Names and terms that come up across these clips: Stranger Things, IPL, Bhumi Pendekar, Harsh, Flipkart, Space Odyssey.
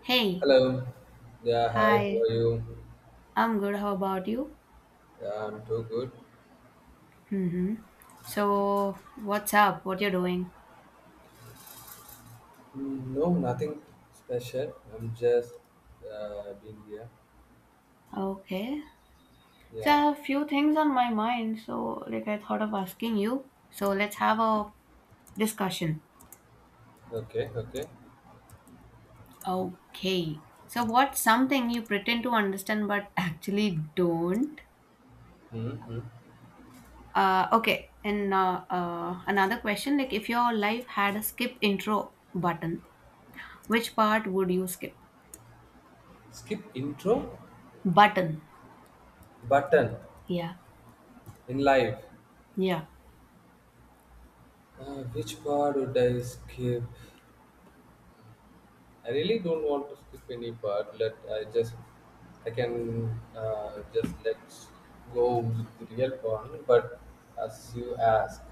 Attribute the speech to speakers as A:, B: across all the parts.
A: Hey,
B: Hello. Yeah, hi. How
A: hi.
B: are you?
A: I'm good. How about you?
B: Yeah, I'm too good.
A: Mm-hmm. So, what's up? What you're doing?
B: No, nothing special. I'm just being here.
A: Okay. So, I
B: Yeah.
A: have a few things on my mind. So, like, I thought of asking you. So, let's have a discussion.
B: Okay. Okay.
A: Okay. So, what's something you pretend to understand but actually don't?
B: Mm-hmm.
A: Okay. And another question, like, if your life had a skip intro button, which part would you skip?
B: Skip intro
A: Button.
B: button
A: Yeah.
B: in live.
A: Yeah.
B: Which part would I skip? I really don't want to skip any part. Let I just I can just let's go with the real one. But as you ask,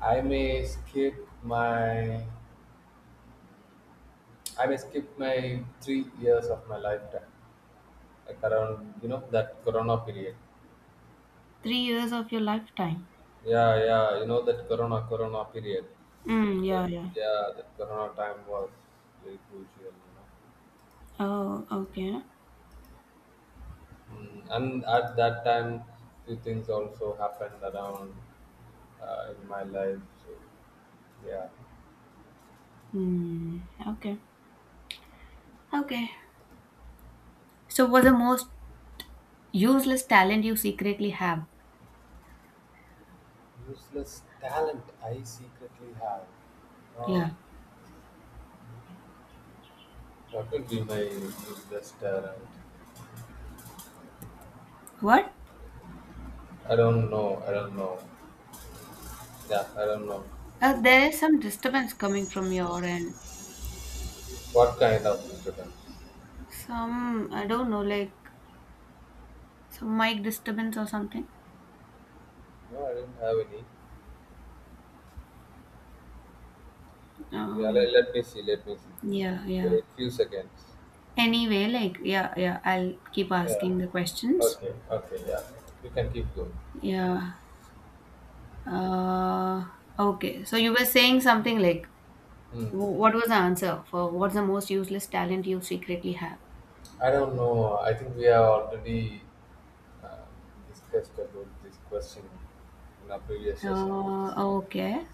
B: I may skip my I may skip my 3 years of my lifetime, like around you know that Corona period.
A: 3 years of your lifetime.
B: Yeah, yeah, you know that Corona period.
A: Mm, yeah,
B: That
A: yeah.
B: yeah, that Corona time was very crucial. You know,
A: Oh, okay.
B: and at that time, few things also happened around in my life. So yeah.
A: Mm, okay. Okay. So, what's the most useless talent you secretly have?
B: Useless talent I secretly have. Uh,
A: Yeah.
B: what would be my useless talent?
A: What?
B: I don't know. I don't know. Yeah, I don't know.
A: There is some disturbance coming from your end.
B: What kind of disturbance?
A: Some, I don't know, like some mic disturbance or something.
B: No, I didn't have any. Yeah,
A: Um,
B: let me see, let me see.
A: yeah, yeah.
B: Wait few seconds.
A: Anyway, like, yeah, yeah, I'll keep
B: Yeah.
A: asking the questions.
B: Okay, okay, yeah. You can keep going.
A: Yeah. Uh, okay. So you were saying something like
B: Hmm.
A: What was the answer for what's the most useless talent you secretly have?
B: I don't know. I think we have already uh, discussed about this question in our previous sessions.
A: Okay.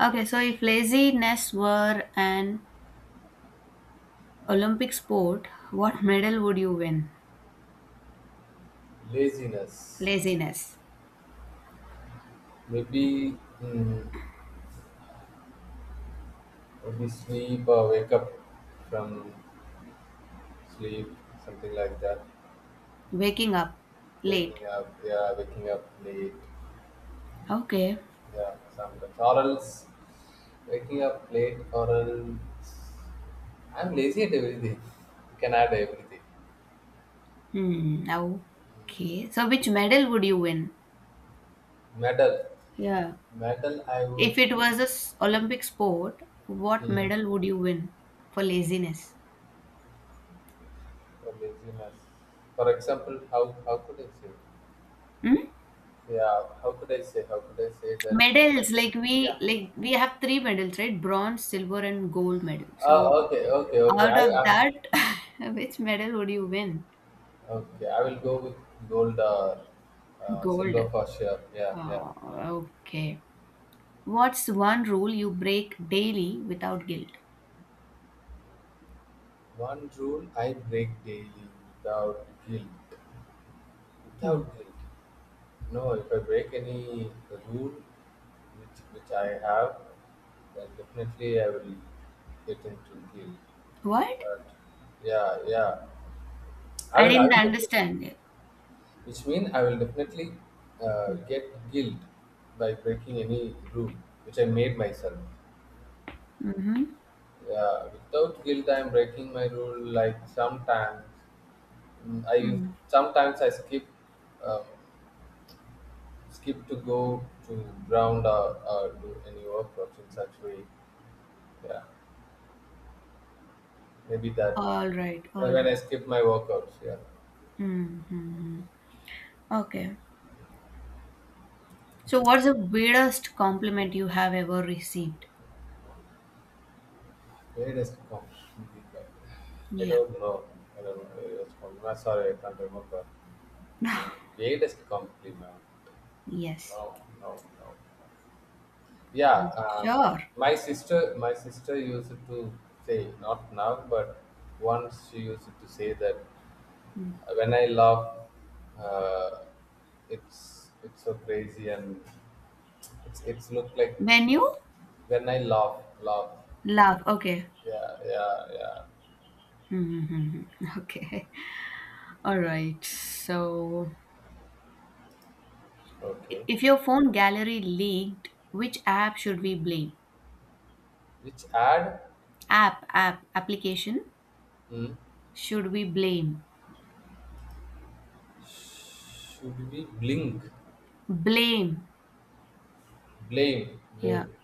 A: Okay, so if laziness were an Olympic sport, what medal would you win?
B: Laziness.
A: Laziness.
B: Maybe, mm, maybe sleep or wake up from sleep, something like that.
A: Waking up late.
B: Waking up, yeah, waking up late,
A: Okay.
B: yeah, sometimes. Or else, waking up late, or else, I'm lazy at everything. You can add everything.
A: Hmm. Okay. So which medal would you win?
B: Medal,
A: Yeah.
B: medal. I would,
A: If it was a Olympic sport, what
B: mm,
A: medal would you win for laziness?
B: for laziness. For example, how could I say?
A: Hmm?
B: Yeah, how could I say? How could I say that
A: Medals,
B: medal?
A: like we
B: Yeah.
A: like we have three medals, right? Bronze, silver, and gold medal. So
B: Oh, okay, okay, okay.
A: out
B: I,
A: of
B: I,
A: that, which medal would you win?
B: okay, I will go with gold or
A: Gold.
B: silver for sure. Yeah, yeah,
A: Oh,
B: yeah.
A: okay. What's one rule you break daily without guilt?
B: One rule I break daily without guilt.
A: Hmm.
B: Without guilt. No, if I break any rule which I have, then definitely I will get into guilt.
A: What?
B: But yeah, yeah. I
A: I
B: will I
A: didn't
B: will def-
A: understand it.
B: which means I will definitely
A: Hmm.
B: get guilt by breaking any rule which I made myself.
A: Mm-hmm.
B: Yeah, without guilt, I'm breaking my rule. Like sometimes, mm, I
A: Hmm.
B: sometimes I skip um, to go to ground, or do any workouts in such way. Yeah, maybe that.
A: All right, all
B: When I
A: right.
B: skip my workouts. Yeah.
A: Mm-hmm. Okay. So, what's the weirdest compliment you have ever received?
B: Where does it come? I
A: Yeah.
B: don't know. I don't know where it's from. I'm sorry, I can't remember. Mm, Where does it come, man?
A: Yes.
B: No, no, no. Yeah,
A: Sure.
B: my sister used to say, not now, but once she used to say that when I laugh, uh, it's so crazy and it's look like
A: When you
B: when I laugh.
A: laugh, okay.
B: Yeah, yeah, yeah.
A: Hmm, hmm, hmm, hmm. Okay. All right. So,
B: Okay.
A: if your phone gallery leaked, which app should we blame?
B: Which ad?
A: Application
B: Hmm.
A: should we blame?
B: Should we blink?
A: Blame.
B: Blame,
A: Yeah.
B: blame.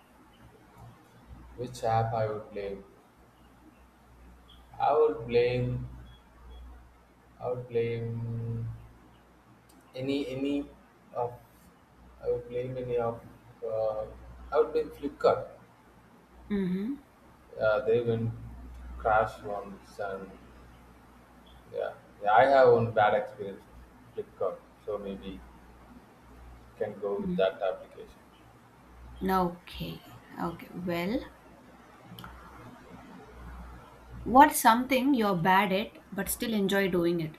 B: Which app I would blame? I would blame. I would blame. Any of I would blame any of uh, I would blame Flipkart.
A: Mm-hmm.
B: Yeah, they went crash once, and yeah, yeah, I have one bad experience with Flipkart, so maybe can go with that application.
A: Okay. Okay. Well, what's something you're bad at but still enjoy doing it?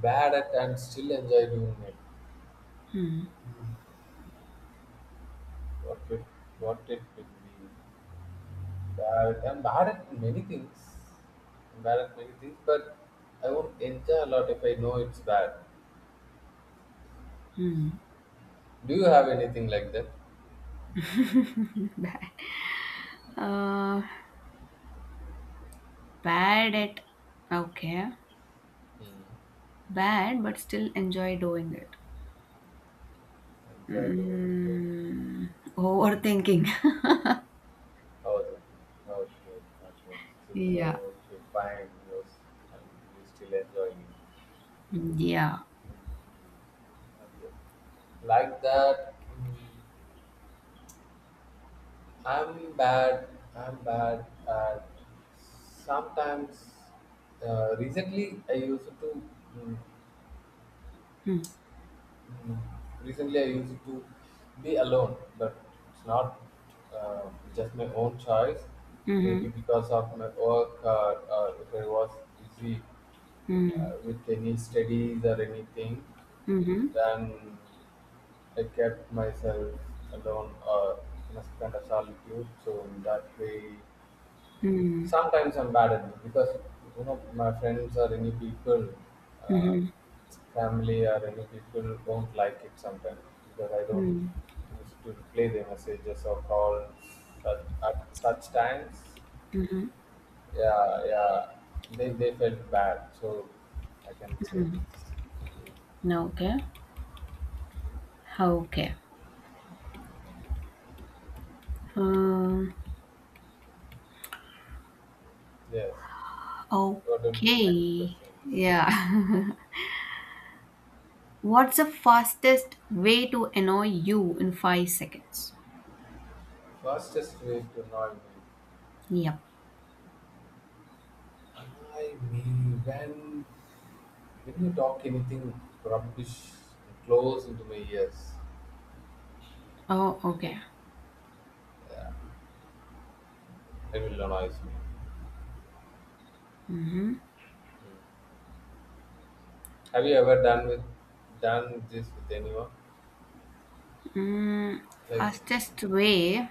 B: Bad at and still enjoy doing it. What it what it will be bad. I'm bad at many things. I'm bad at many things, but I won't enjoy a lot if I know it's bad.
A: Hmm.
B: Do you have anything like that?
A: Uh, Bad at. Okay.
B: Hmm.
A: Bad but still enjoy doing it.
B: And try to get
A: Mm, Overthinking.
B: how to how to get. Okay. So. ಜಾಗ ಒಂದು ಹೌದು
A: Yeah.
B: ಹೌದು so fine use still enjoying
A: Mm, yeah.
B: like that. Mm, i'm bad i'm bad at sometimes recently I used to mm,
A: Mm,
B: Mm, Recently, I used it to be alone, but it's not uh, just my own choice. Maybe
A: mhm,
B: because of my work, or if I was busy
A: mm,
B: with any studies or anything,
A: mhm,
B: then I kept myself alone or in a kind of solitude. So in that way,
A: mm,
B: sometimes I'm bad at it because you know my friends or any people, uh,
A: mhm,
B: family or any people don't like it sometimes because I don't
A: mm,
B: used to play the messages or call at such times.
A: mhm.
B: Yeah, yeah, they felt bad, so I can say
A: Okay. Okay. Um,
B: yes. What will be the next
A: okay.
B: question?
A: Yeah. What's the fastest way to annoy you in 5 seconds?
B: Fastest way to annoy me?
A: Yep.
B: Annoy me when When you talk anything rubbish close into my ears,
A: Oh,
B: I get,
A: okay.
B: yeah, it will annoy me. Have you ever done this with anyone?
A: Mm,
B: Like,
A: Fastest way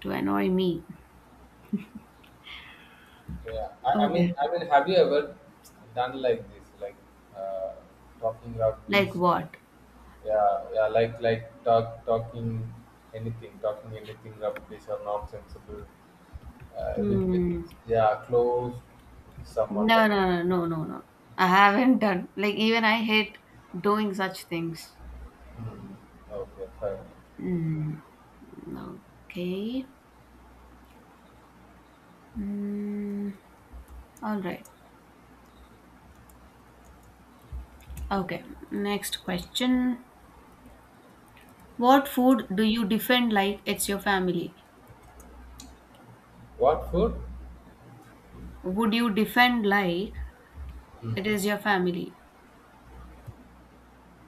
A: to annoy me.
B: yeah, I, I
A: Okay.
B: mean, I mean, have you ever done like this, like uh, talking rubbish?
A: Like what?
B: Yeah, yeah, like talking anything, talking anything rubbish or not sensible. With
A: Hmm.
B: yeah, close someone
A: No,
B: like.
A: no, no, no, no, no. I haven't done. Like, even I hate doing such things.
B: Hmm, okay, fine.
A: Mm, okay. Mm, all right. Okay. Next question. What food do you defend like it's your family?
B: What food?
A: Would you defend like it is your family?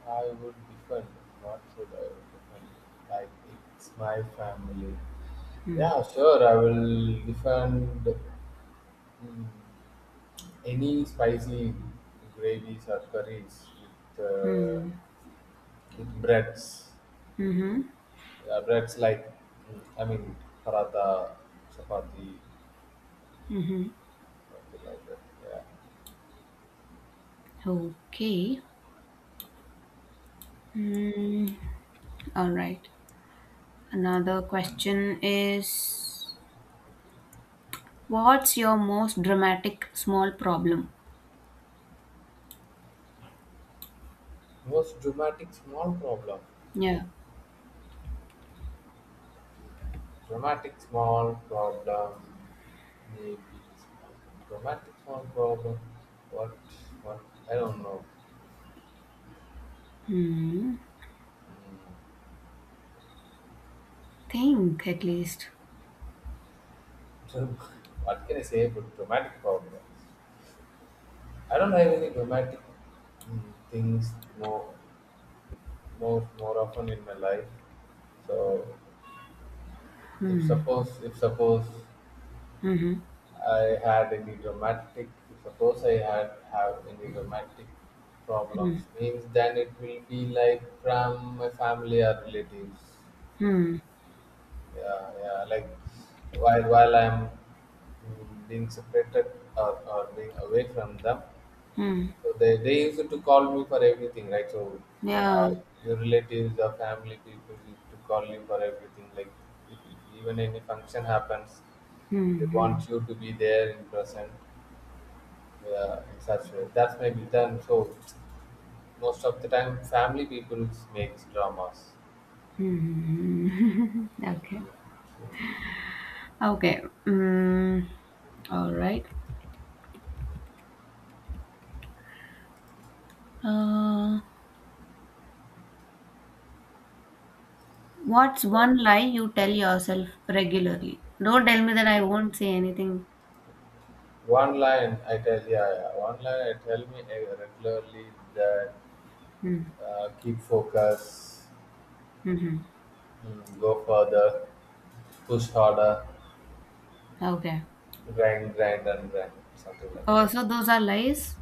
B: I would defend. What food I would defend? Like it's my family.
A: Hmm.
B: Yeah, sure. I will defend any spicy gravies or curries with, uh,
A: Hmm.
B: with breads.
A: Mm-hmm.
B: Yeah, breads, like I mean paratha, chapati,
A: Mm-hmm.
B: something like that. Yeah.
A: Okay. Hmm. All right. Another question is, what's your most dramatic small problem?
B: Most dramatic small problem.
A: Yeah.
B: Dramatic small problem may be small. Dramatic small problem. What? What? I don't know.
A: Hmm. Think at least.
B: Mm. What can I say about dramatic problem? I don't have any dramatic mm, things more, more often in my life. So, if suppose
A: Hmm.
B: I had any dramatic I had have any dramatic problems means then it will be like from my family or relatives.
A: Hmm.
B: Yeah, yeah. Like while I'm being separated, or being away from them,
A: Hmm.
B: so they used to call me for everything, right? So our
A: Yeah.
B: your relatives, our family people used to call you for everything. Like if even any function happens, they
A: Hmm. Hmm.
B: want you to be there in present. Yeah, in such way. That's my return. So most of the time, family people makes dramas.
A: Hmm. Okay. Okay. Hmm. All right. Uh, what's
B: Yeah.
A: one lie you tell yourself regularly? Don't tell me that I won't say anything.
B: One line I tell yeah, yeah. One line I tell me regularly that
A: Hmm.
B: keep focus,
A: Hmm. Hmm.
B: go further, push harder,
A: Okay.
B: grind, grind, and grind, something like
A: Oh,
B: that.
A: so those are lies?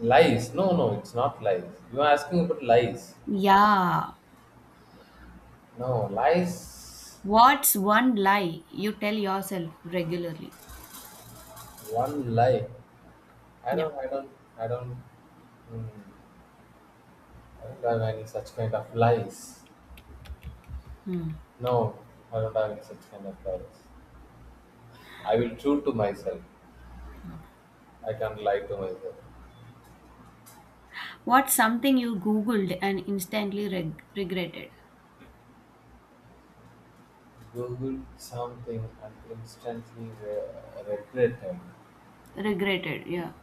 B: Lies? No, no, it's not lies. You are asking about lies.
A: Yeah.
B: No, lies.
A: What's one lie you tell yourself regularly?
B: One lie. I
A: Yeah.
B: don't, I don't, I don't. Mm, I don't have any such kind of lies.
A: Hmm.
B: No, I don't have any such kind of lies. I will true to myself. I can't lie to myself.
A: What's something you Googled and instantly regretted?
B: Google something and instantly regret him.
A: Regretted, yeah.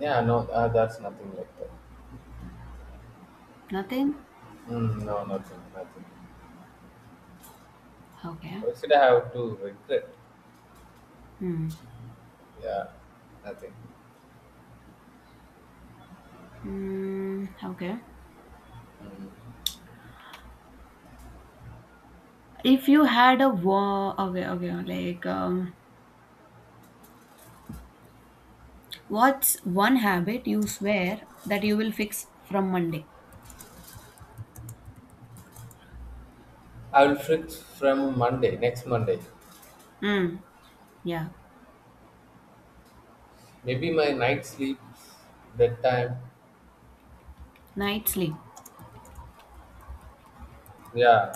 B: Yeah, no, that's nothing like that.
A: Nothing?
B: Mm, no, nothing, nothing.
A: Okay.
B: Why should I have to regret?
A: Hmm.
B: Yeah, nothing.
A: Hmm. Okay. If you had a war, okay, okay, like, what's one habit you swear that you will fix from Monday?
B: I will fix from Monday, next Monday.
A: Hmm. Yeah.
B: Maybe my night sleep, bedtime.
A: Night sleep.
B: Yeah,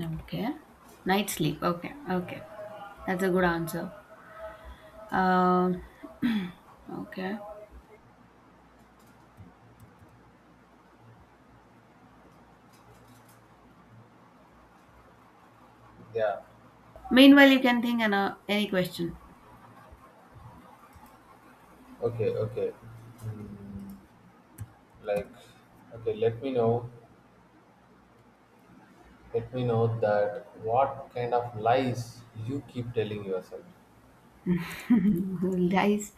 A: Okay. Night sleep. Okay. Okay. That's a good answer. Um. Okay.
B: yeah.
A: Meanwhile, you can think any question.
B: Okay, okay. Mm, like, okay, let me know that what kind of lies you keep telling yourself.
A: Lies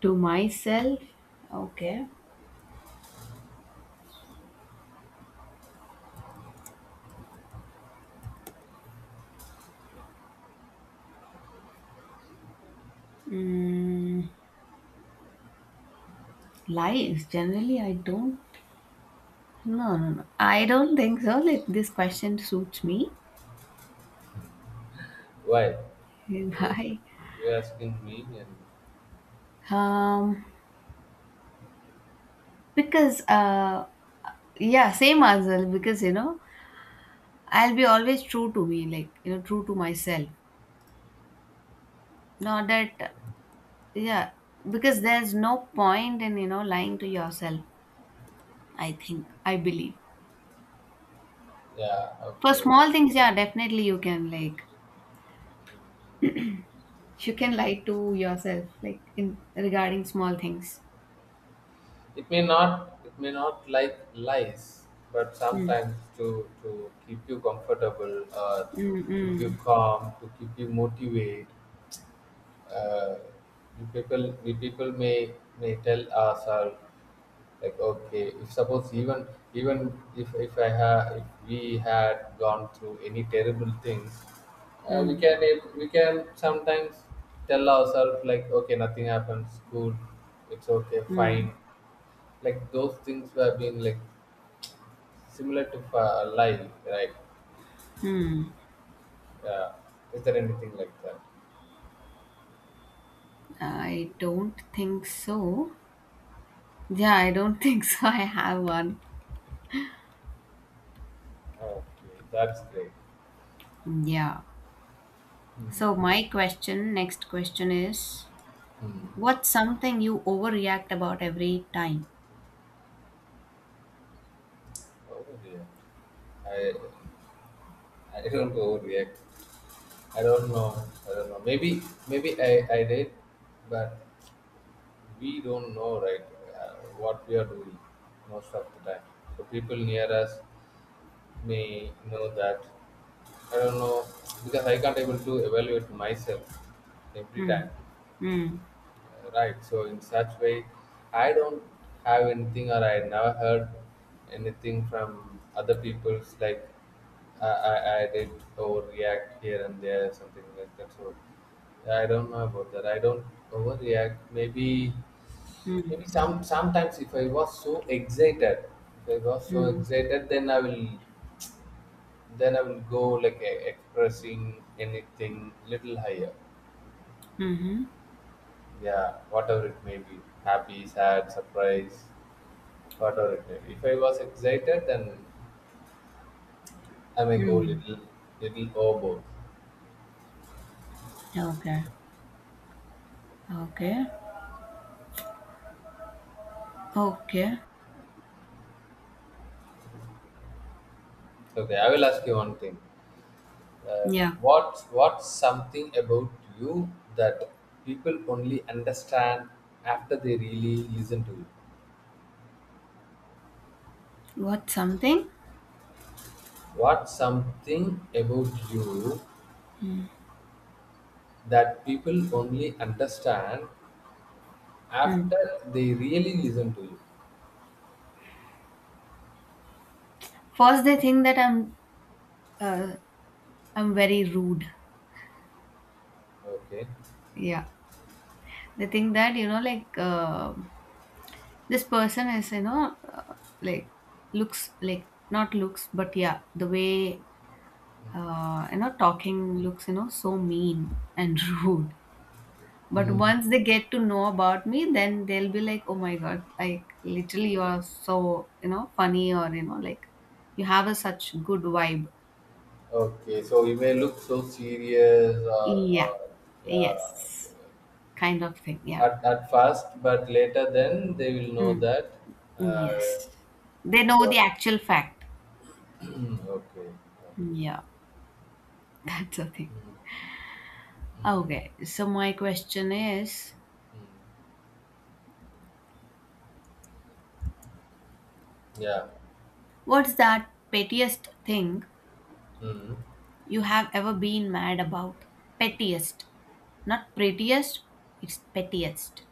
A: to myself. Okay. mm, Lies generally I don't. No, no, no, I don't think so. Like this question suits me.
B: Why? Yes,
A: Why?
B: you're asking me, and
A: um because yeah, same answer because you know I'll be always true to me, like you know, true to myself. Not that. Yeah, because there's no point in lying to yourself, I think, I believe.
B: yeah,
A: For
B: okay.
A: small things, yeah, definitely you can, like you can lie to yourself, like in regarding small things.
B: It may not like lies, but
A: Mm,
B: sometimes to keep you comfortable or
A: mm,
B: keep you
A: mm,
B: calm, to keep you motivated. Uh, we people may tell ourselves, like, okay, if suppose even if I have if we had gone through any terrible things, we
A: mm,
B: can sometimes tell ourselves, like, okay, nothing happens, cool, it's okay,
A: mm,
B: fine, like those things were being like similar to life, right?
A: hmm.
B: Yeah. Is there anything like that?
A: I don't think so. Yeah, I don't think so I have one.
B: Okay, that's great.
A: Yeah.
B: Hmm.
A: So my question next question is,
B: Hmm.
A: what's something you overreact about every time?
B: Oh dear. I I don't overreact. I don't know. I don't know. Maybe I did, but we don't know, right? What we are doing most of the time. So people near us may know that. I don't know because I can't able to evaluate myself every time.
A: Hmm, hmm,
B: Right. So in such way, I don't have anything, or I never heard anything from other people's, like I did overreact here and there, something like that. So yeah, I don't know about that. I don't overreact. Maybe
A: hmm,
B: sometimes if I was so excited, if I was so
A: hmm,
B: excited, then I will go like expressing anything little higher.
A: hmm,
B: Yeah, whatever it may be, happy, sad, surprise. Moderated. If I was excited, then I may go
A: hmm.
B: little overboard.
A: Okay, okay, okay.
B: Okay, I will ask you one thing. Uh,
A: Yeah.
B: what's something about you that people only understand after they really listen to you?
A: What something?
B: What's something about you that people only understand
A: Hmm.
B: after they really listen to you?
A: First, they think that uh, I'm very rude.
B: Okay.
A: Yeah, they think that, you know, like this person is, like, looks like, not looks, but yeah, the way talking looks, you know, so mean and rude. But
B: Mm.
A: once they get to know about me, then they'll be like, oh my god, like literally you are so funny or like you have a such good vibe.
B: Okay, so you may look so serious, or,
A: Yeah.
B: or yeah,
A: Yes. Kind of thing. Yeah.
B: at first, but later then they will know
A: Mm.
B: that uh,
A: Yes. They know the
B: you
A: actual fact.
B: okay, okay.
A: Yeah. That's the thing.
B: Mm, mm,
A: Okay. So my question is,
B: mm. Yeah.
A: what's that pettiest thing
B: Mm.
A: you have ever been mad about? Pettiest. Not prettiest. It's pettiest.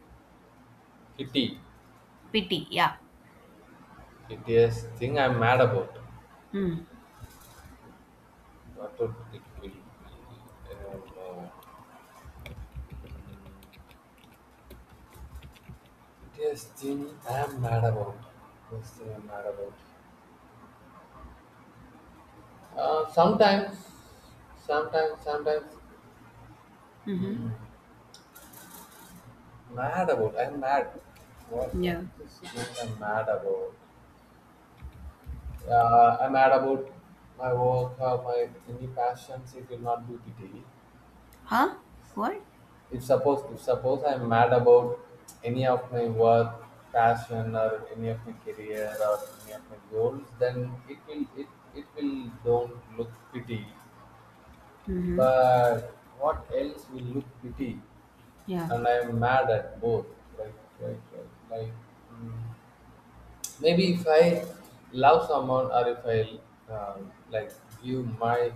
B: Pity.
A: Pity. Yeah.
B: Pity thing I'm mad about.
A: Hmm.
B: What would it be? I don't know. Mm. Pity thing I'm mad about. This thing I'm mad about. Uh, sometimes, sometimes.
A: Mm-hmm.
B: Mm. Mad about. I'm mad. What
A: Yeah.
B: is this thing I'm mad about? Yeah, I'm mad about my work, my any passions. It will not do today.
A: Huh? What?
B: If suppose I'm mad about any of my work, passion, or any of my career or any of my goals, then it will don't look pretty.
A: Mm-hmm.
B: But what else will look pretty?
A: Yeah.
B: And I'm mad at both. Like like. mm, maybe if I love someone or if I like give my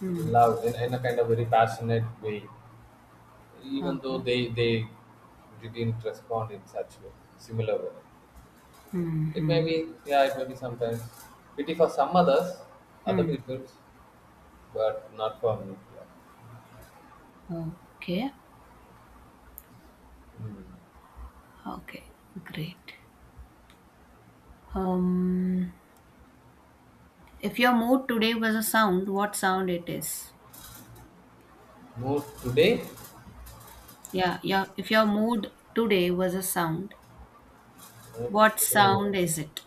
A: Hmm.
B: love in a kind of very passionate way, even though
A: Okay.
B: they didn't respond in such way, similar way.
A: Hmm.
B: It may
A: Hmm.
B: be, yeah, it may be sometimes pity for some others, other
A: Hmm.
B: people, but not for me. Yeah.
A: Okay.
B: Hmm.
A: Okay, great. Um, if your mood today was a sound, what sound it is?
B: Mood today,
A: Yeah, yeah. If your mood today was a sound,
B: mood
A: what
B: today.
A: sound is it?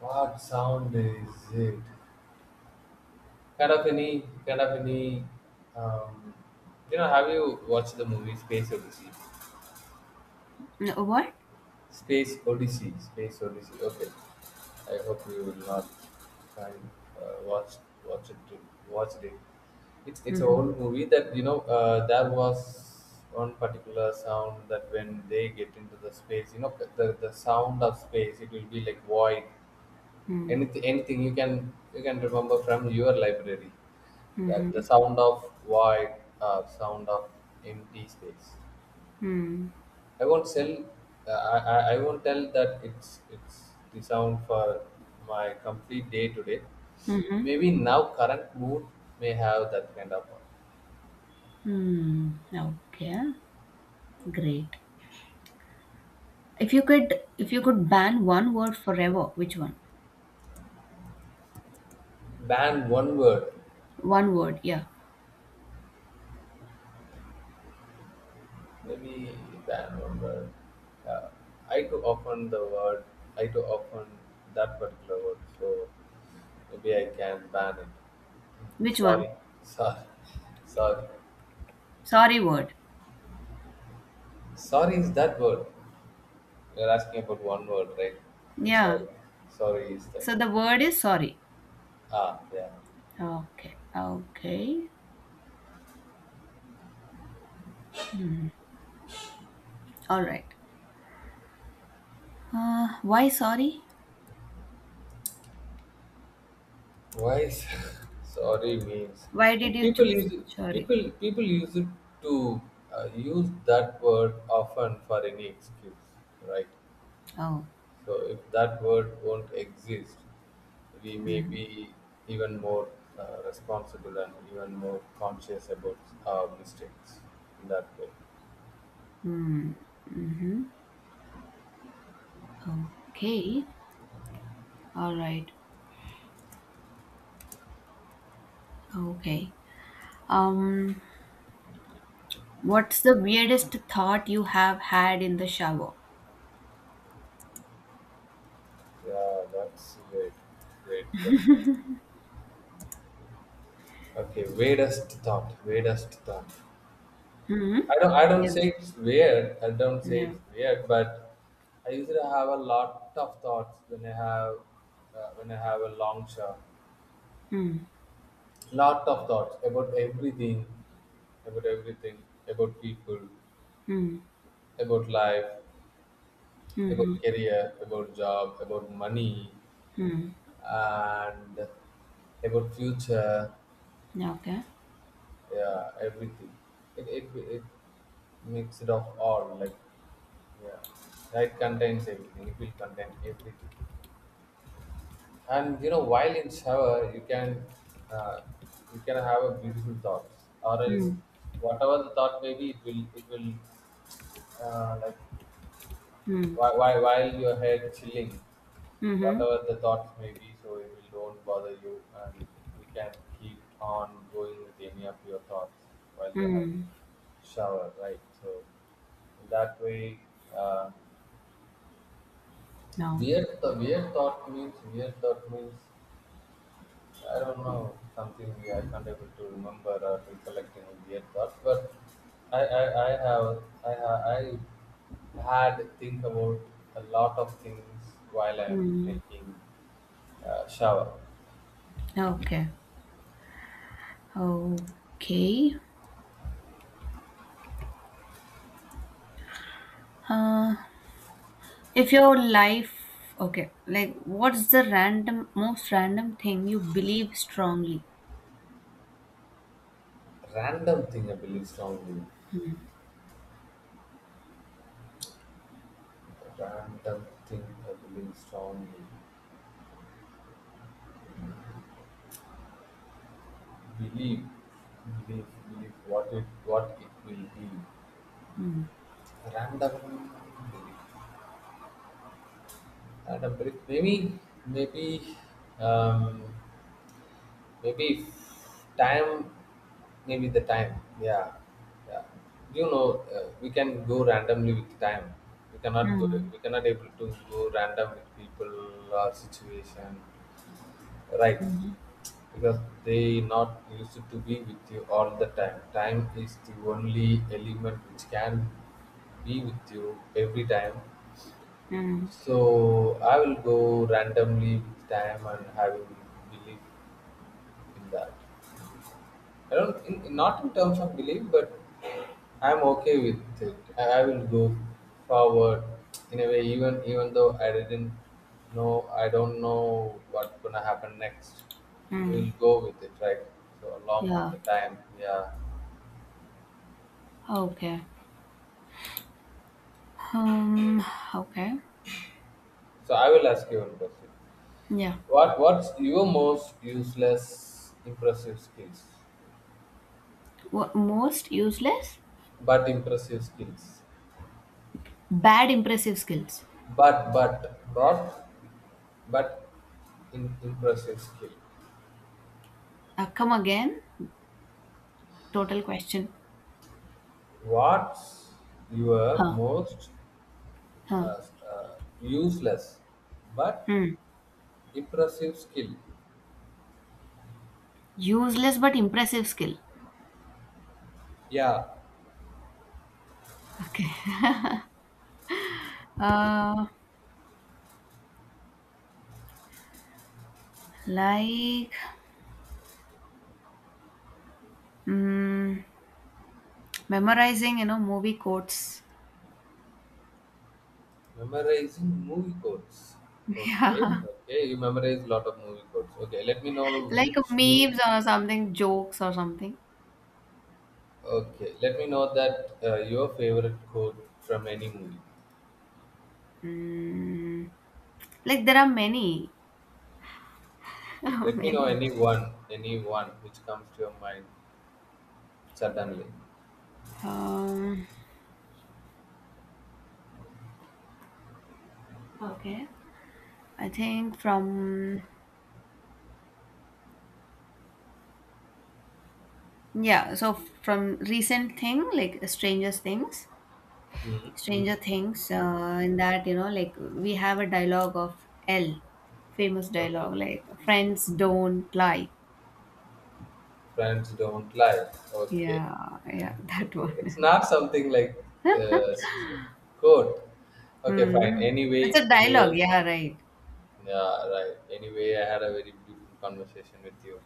B: What sound is it? Kind of any, kind of any. Um, have you watched the movie Space Odyssey?
A: What?
B: Space Odyssey. Space Odyssey. Okay. I hope you will not find uh, watch watch it to watch it. It's an
A: Hmm.
B: old movie, that you know. There was one particular sound that when they get into the space, you know, the sound of space, it will be like void.
A: Hmm.
B: Anything you can remember from your library. That the sound of void, sound of empty space. I won't sell. I won't tell that it's the sound for my complete day today.
A: Hmm.
B: Maybe now current mood may have that kind of one.
A: Hmm. Okay, great. If you could ban one word forever, which one?
B: Ban one word.
A: One word. Yeah.
B: Maybe ban one word. Uh, I too often the word. I too often that particular word. So maybe I can ban it.
A: Which one?
B: Sorry, sorry, sorry.
A: Sorry word.
B: Sorry is that word. You're asking about one word, right? I'm
A: Yeah.
B: sorry. Sorry is that.
A: So the word is sorry.
B: Ah, yeah.
A: Okay. Okay. All right. Why sorry?
B: Why? is- Sorry means
A: Why did you
B: people
A: choose
B: use
A: sorry?
B: people use it to use that word often for any excuse, right?
A: Oh.
B: So if that word won't exist, we may
A: Mm-hmm.
B: be even more responsible and even more conscious about our mistakes in that way.
A: Hmm. Mm-hmm. Okay. All right. Okay. Um, what's the weirdest thought you have had in the shower?
B: Yeah, that's great, great question. Okay, weirdest thought, weirdest thought.
A: Hmm.
B: I don't
A: Yeah.
B: say it's weird. I don't say
A: Yeah.
B: it's weird, but I usually have a lot of thoughts when I have a long show.
A: Hmm.
B: Lot of thoughts about everything, about everything, about people,
A: Hmm.
B: about life,
A: Hmm.
B: about career, about job, about money,
A: Hmm.
B: and about future.
A: Yeah, okay.
B: Yeah, everything. It, it, it makes of all like, yeah, it contains everything, it will contain everything. And you know, while in shower uh, you can have a beautiful thoughts, or else
A: Hmm.
B: whatever the thought may be, it will like
A: Hmm.
B: while your head chilling,
A: Hmm.
B: whatever the thoughts may be, so it will don't bother you, and you can keep on going with any of your thoughts while you're having
A: Hmm.
B: shower, right? So that way, uh,
A: No.
B: weird thought means, weird thought means, I don't know, something really I can't able to remember or recollecting immediate thoughts, but I have I ha- I had think about a lot of things while I am
A: Hmm.
B: taking shower.
A: Okay. Okay. Uh, If your life, okay, like what's the random, most random thing you believe strongly?
B: Random thing I believe strongly. Random thing I believe strongly. Believe, believe what it will be.
A: Hmm.
B: Random belief. Random belief. Maybe maybe. Um, Maybe if time, maybe the time. Yeah, yeah. You know, we can go randomly with time. We cannot go.
A: Hmm.
B: We cannot able to go random with people or situation, right?
A: Hmm.
B: Because they not used to be with you all the time. Time is the only element which can be with you every time.
A: Hmm.
B: So I will go randomly with time and having belief in that. I don't in, not in terms of belief, but I'm okay with it. I will go forward in a way, even though I didn't know, I don't know what's gonna happen next.
A: Hmm.
B: We'll go with it, right? So along with
A: Yeah.
B: the time, yeah.
A: Okay. Um. Okay.
B: So I will ask you one question.
A: Yeah.
B: What's your most useless impressive skills?
A: What, most useless?
B: But impressive skills.
A: Bad impressive skills.
B: But not but impressive skill.
A: Come again. Total question.
B: What's your
A: Huh.
B: most
A: Huh.
B: uh, uh, useless but
A: Hmm.
B: impressive skill?
A: Useless but impressive skill.
B: Yeah,
A: Okay. Uh, like mm, memorizing, you know, movie quotes.
B: memorizing movie codes. Okay, okay, you memorize a lot of movie codes. Okay, let me know
A: Like
B: which movie.
A: memes or something, jokes or something.
B: Okay, let me know that your favorite quote from any movie.
A: Mm, like there are many,
B: Let me know
A: many.
B: any one which comes to your mind suddenly.
A: Um, okay. I think from yeah, so from recent thing like Stranger Things,
B: Mm-hmm.
A: Stranger Things. In that, you know, like we have a dialogue of L, famous
B: Okay,
A: dialogue like friends don't lie.
B: friends don't lie. Okay.
A: Yeah, yeah, that
B: It's
A: one.
B: not something like uh, quote. Okay, fine.
A: Hmm. It's
B: Anyway,
A: a dialogue.
B: anyways,
A: Yeah, right.
B: yeah, right. Anyway, I had a very beautiful conversation with you,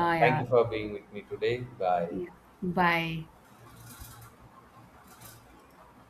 B: and thank you for being with me today. Bye.
A: yeah. Yeah. Bye.